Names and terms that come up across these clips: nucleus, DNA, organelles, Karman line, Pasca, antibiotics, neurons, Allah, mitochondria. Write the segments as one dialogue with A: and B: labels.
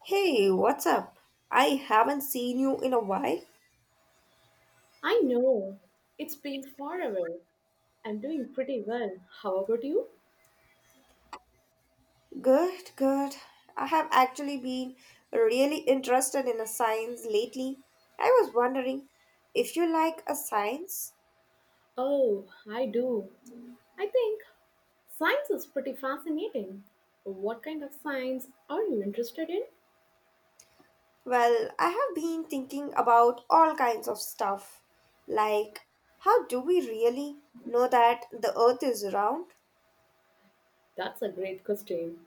A: Hey, what's up? I haven't seen you in a while.
B: I know. It's been forever. I'm doing pretty well. How about you?
A: Good, good. I have actually been really interested in a science lately. I was wondering if you like a science.
B: Oh, I do. I think science is pretty fascinating. What kind of science are you interested in?
A: Well, I have been thinking about all kinds of stuff. Like, how do we really know that the earth is round?
B: That's a great question.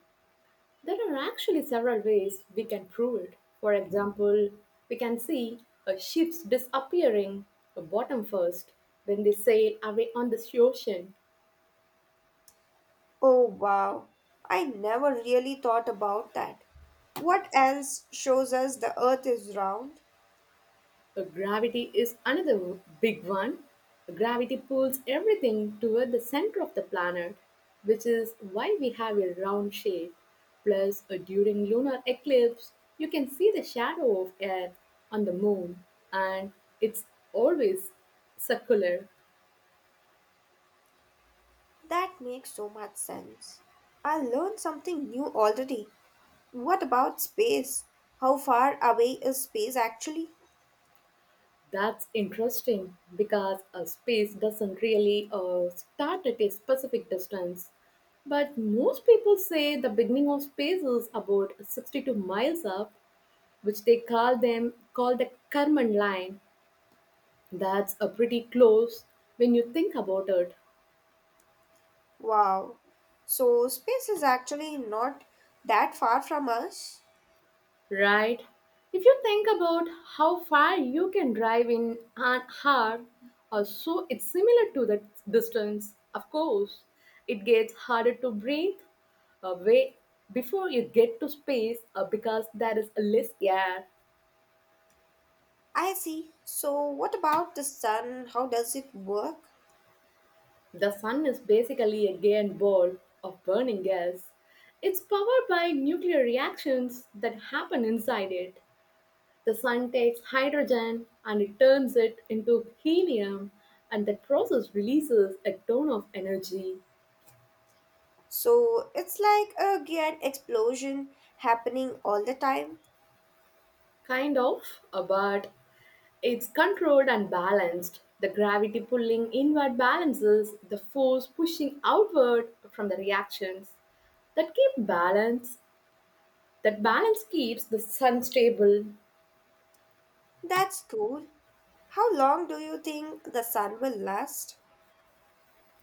B: There are actually several ways we can prove it. For example, we can see a ship's disappearing a bottom first, when they sail away on the ocean.
A: Oh, wow. I never really thought about that. What else shows us the earth is round?
B: Gravity is another big one. Gravity pulls everything toward the center of the planet, which is why we have a round shape. Plus, during lunar eclipse, you can see the shadow of Earth on the moon, and it's always circular.
A: That makes so much sense. I learned something new already. What about space? How far away is space actually?
B: That's interesting because a space doesn't really start at a specific distance. But most people say the beginning of space is about 62 miles up, which they call the Karman line. That's a pretty close when you think about it,
A: Wow. So, space is actually not that far from us.
B: right? If you think about how far you can drive in an hour or so, it's similar to that distance. Of course, it gets harder to breathe away before you get to space because there is less air.
A: I see. So, what about the sun? How does it work?
B: The sun is basically a giant ball of burning gas. It's powered by nuclear reactions that happen inside it. The sun takes hydrogen and it turns it into helium, and that process releases a ton of energy.
A: So, it's like a giant explosion happening all the time.
B: Kind of, but it's controlled and balanced. The gravity pulling inward balances the force pushing outward from the reactions that keep balance that balance keeps the sun stable.
A: That's cool. How long do you think the sun will last?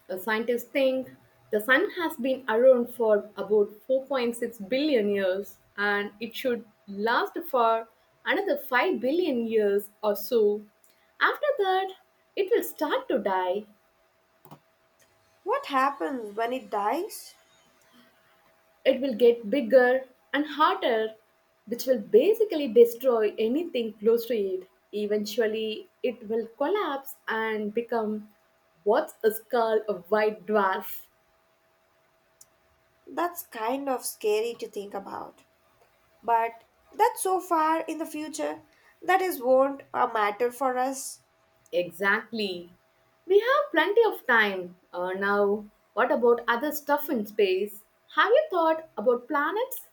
B: Scientists think the sun has been around for about 4.6 billion years and it should last for another 5 billion years or so. After that, it will start to die.
A: What happens when it dies?
B: It will get bigger and hotter, which will basically destroy anything close to it. Eventually, it will collapse and become what is called a white dwarf.
A: That's kind of scary to think about. But that's so far in the future that is won't a matter for us.
B: Exactly. We have plenty of time. Now, what about other stuff in space? Have you thought about planets?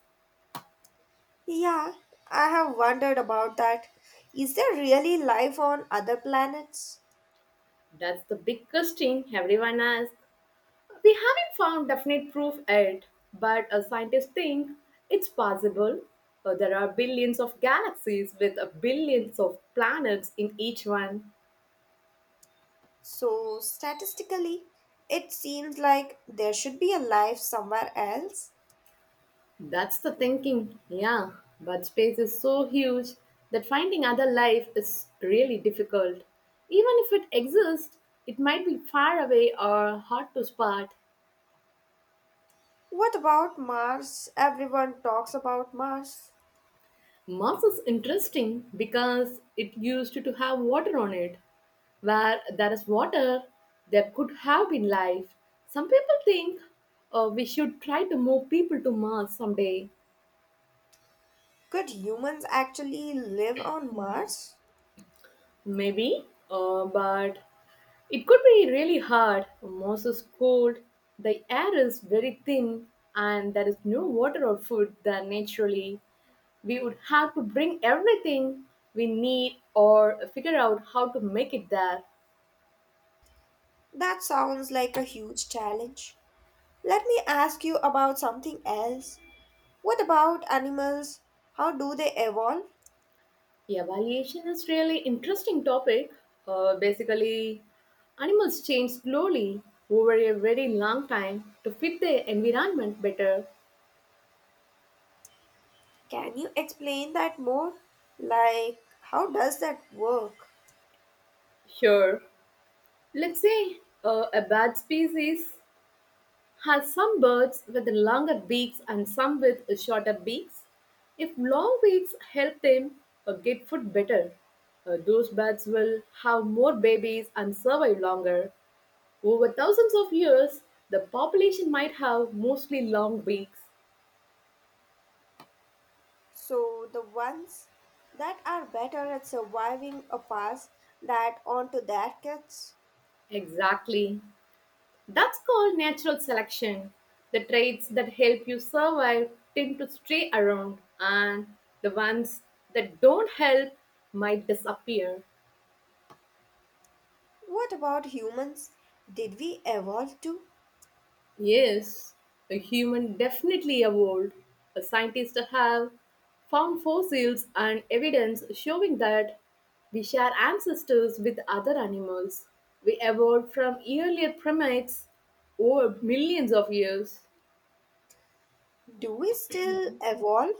A: Yeah, I have wondered about that. Is there really life on other planets?
B: That's the big question everyone asks. We haven't found definite proof yet, but scientists think it's possible. There are billions of galaxies with billions of planets in each one.
A: So statistically, it seems like there should be a life somewhere else.
B: That's the thinking, yeah. But space is so huge that finding other life is really difficult. Even if it exists, it might be far away or hard to spot.
A: What about Mars? Everyone talks about Mars.
B: Mars is interesting because it used to have water on it. Where there is water, there could have been life. Some people think we should try to move people to Mars someday.
A: Could humans actually live on Mars?
B: Maybe, but it could be really hard. Moss is cold, the air is very thin, and there is no water or food there naturally. We would have to bring everything we need or figure out how to make it there.
A: That sounds like a huge challenge. Let me ask you about something else. What about animals? How do they evolve?
B: Evaluation is really interesting topic. Basically, animals change slowly over a very long time to fit their environment better.
A: Can you explain that more? Like, how does that work?
B: Sure, let's say a bat species has some birds with longer beaks and some with shorter beaks. If long beaks help them get food better, those bats will have more babies and survive longer. Over thousands of years, the population might have mostly long beaks.
A: So, the ones that are better at surviving a pass that on to their kids.
B: Exactly. That's called natural selection. The traits that help you survive tend to stay around, and the ones that don't help might disappear.
A: What about humans? Did we evolve too?
B: Yes, a human definitely evolved. A scientist have found fossils and evidence showing that we share ancestors with other animals. We evolved from earlier primates over millions of years.
A: Do we still evolve?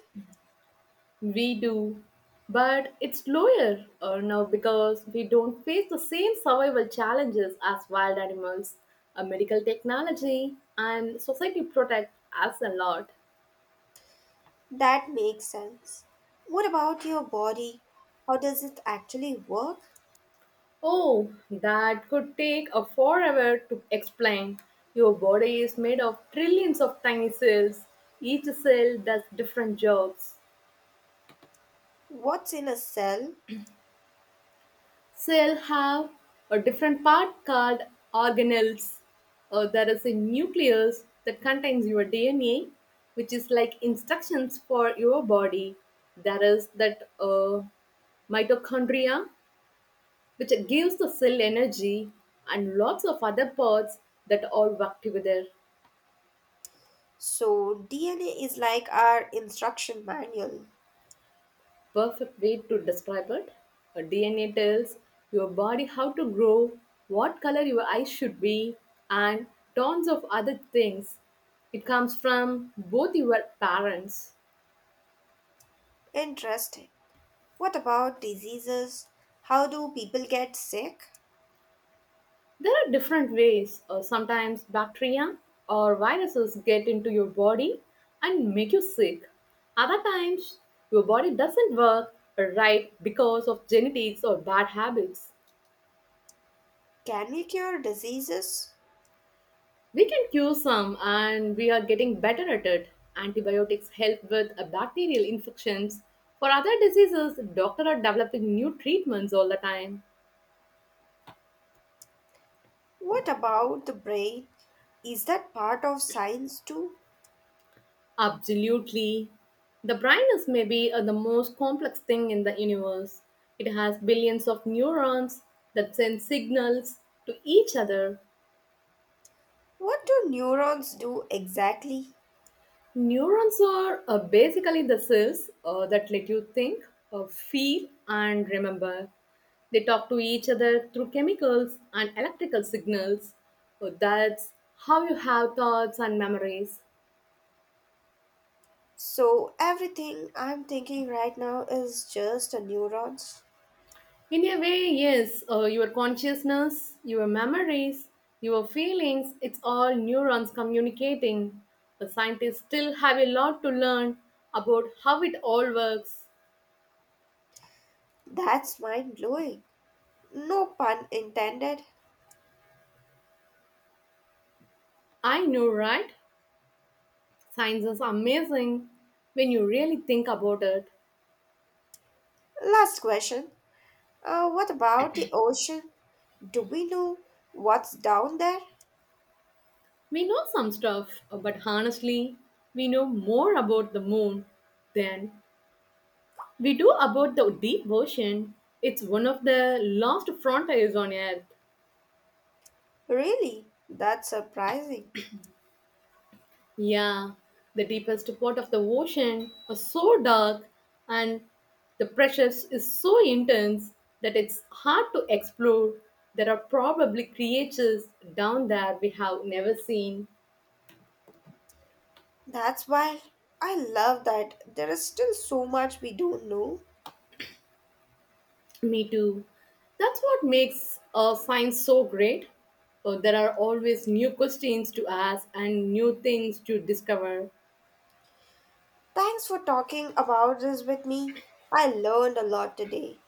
B: We do, but it's lower now because we don't face the same survival challenges as wild animals. A medical technology and society protect us a lot.
A: That makes sense. What about your body? How does it actually work?
B: Oh, that could take a forever to explain. Your body is made of trillions of tiny cells. Each cell does different jobs.
A: What's in a cell?
B: Cell have a different part called organelles. There is a nucleus that contains your DNA, which is like instructions for your body. There is that mitochondria, which gives the cell energy, and lots of other parts that all work together.
A: So, DNA is like our instruction manual.
B: Perfect way to describe it. A DNA tells your body how to grow, what color your eyes should be, and tons of other things. It comes from both your parents.
A: Interesting. What about diseases? How do people get sick?
B: There are different ways. Sometimes bacteria or viruses get into your body and make you sick. Other times, your body doesn't work right because of genetics or bad habits.
A: Can we cure diseases?
B: We can cure some and we are getting better at it. Antibiotics help with bacterial infections. For other diseases, doctors are developing new treatments all the time.
A: What about the brain? Is that part of science too?
B: Absolutely. The brain is maybe the most complex thing in the universe. It has billions of neurons that send signals to each other.
A: What do neurons do exactly?
B: Neurons are basically the cells that let you think, feel, and remember. They talk to each other through chemicals and electrical signals. So that's how you have thoughts and memories.
A: So, everything I'm thinking right now is just a neurons.
B: In a way, yes, your consciousness, your memories, your feelings, it's all neurons communicating. The scientists still have a lot to learn about how it all works.
A: That's mind blowing. No pun intended.
B: I know, right? Science is amazing when you really think about it.
A: Last question. What about the ocean? Do we know what's down there?
B: We know some stuff, but honestly, we know more about the moon than we do about the deep ocean. It's one of the last frontiers on Earth.
A: Really? That's surprising.
B: Yeah, the deepest part of the ocean is so dark and the pressures is so intense that it's hard to explore. There are probably creatures down there we have never seen.
A: That's wild. I love that there is still so much we don't know.
B: Me too. That's what makes science so great. There are always new questions to ask and new things to discover.
A: Thanks for talking about this with me. I learned a lot today.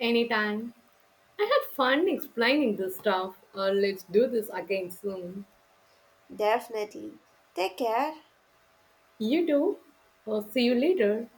B: Anytime. I had fun explaining this stuff. Let's do this again soon.
A: Definitely. Take care.
B: You do. See you later.